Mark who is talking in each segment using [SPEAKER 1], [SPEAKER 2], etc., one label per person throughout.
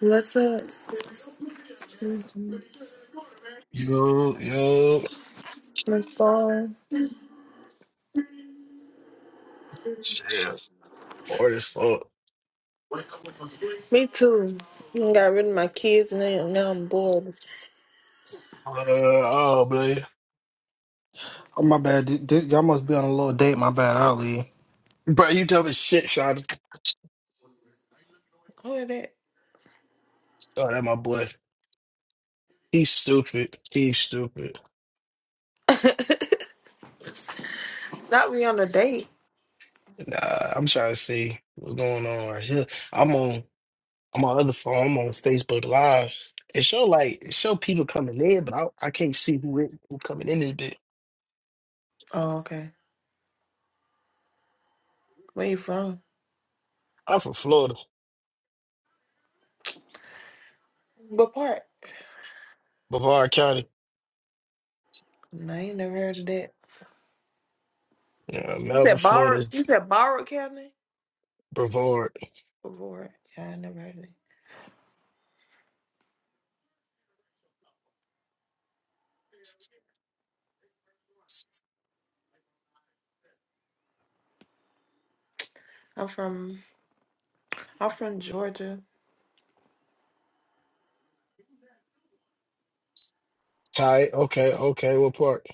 [SPEAKER 1] What's up,
[SPEAKER 2] Yo, yo,
[SPEAKER 1] My Star?
[SPEAKER 2] shit, hard as fuck.
[SPEAKER 1] Me too. I got rid of my kids and then now I'm bored.
[SPEAKER 2] Uh, oh, man.
[SPEAKER 3] Oh my bad. Did- did- y'all must be on a little date. My bad. I'll leave.
[SPEAKER 2] Bro, you dumb as shit, Sean.
[SPEAKER 1] Who is that?
[SPEAKER 2] Oh, that my boy. He's stupid. He's stupid.
[SPEAKER 1] Not we on a date.
[SPEAKER 2] Nah, I'm trying to see what's going on right here. I'm on, I'm on other phone. I'm on Facebook Live. It show like, it show people coming in, but I, I can't see who it, who coming in this bit.
[SPEAKER 1] Oh, okay. Where you from?
[SPEAKER 2] I'm from Florida,
[SPEAKER 1] What part?
[SPEAKER 2] Brevard County.
[SPEAKER 1] No, I ain't never heard of that.
[SPEAKER 2] Yeah,
[SPEAKER 1] You
[SPEAKER 2] Melbourne,
[SPEAKER 1] said
[SPEAKER 2] Florida
[SPEAKER 1] borrowed.
[SPEAKER 2] is
[SPEAKER 1] You said borrowed county
[SPEAKER 2] Brevard.
[SPEAKER 1] before. it. Yeah, I never heard of it. I'm from. I'm from Georgia.
[SPEAKER 2] Tight. Okay, okay. What part?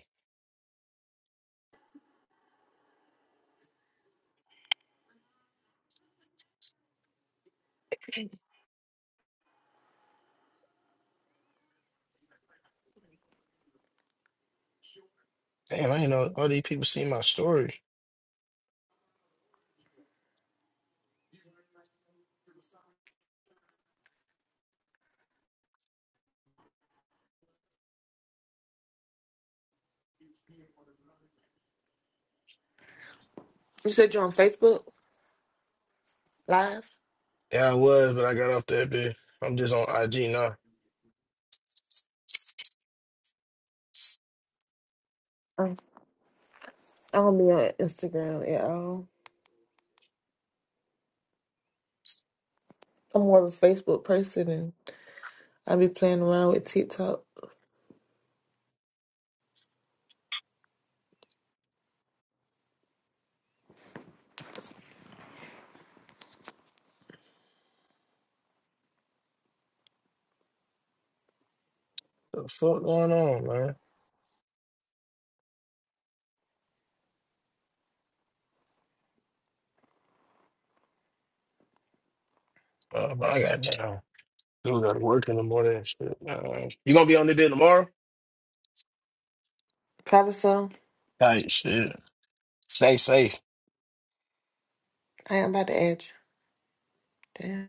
[SPEAKER 2] Damn, I didn't know all these people see my story.
[SPEAKER 1] You said you're on Facebook Live.
[SPEAKER 2] Yeah, I was, but I got off that bit. I'm just on IG now.
[SPEAKER 1] Um, I don't be on Instagram at all. I'm more of a Facebook person, and I be playing around with TikTok.
[SPEAKER 2] What the fuck going on, man? Uh, but I got down. Dude, gotta work in the morning and shit. man. you gonna be on the bit tomorrow?
[SPEAKER 1] Probably so.
[SPEAKER 2] Tight shit. Stay safe.
[SPEAKER 1] I am about to add you. Damn.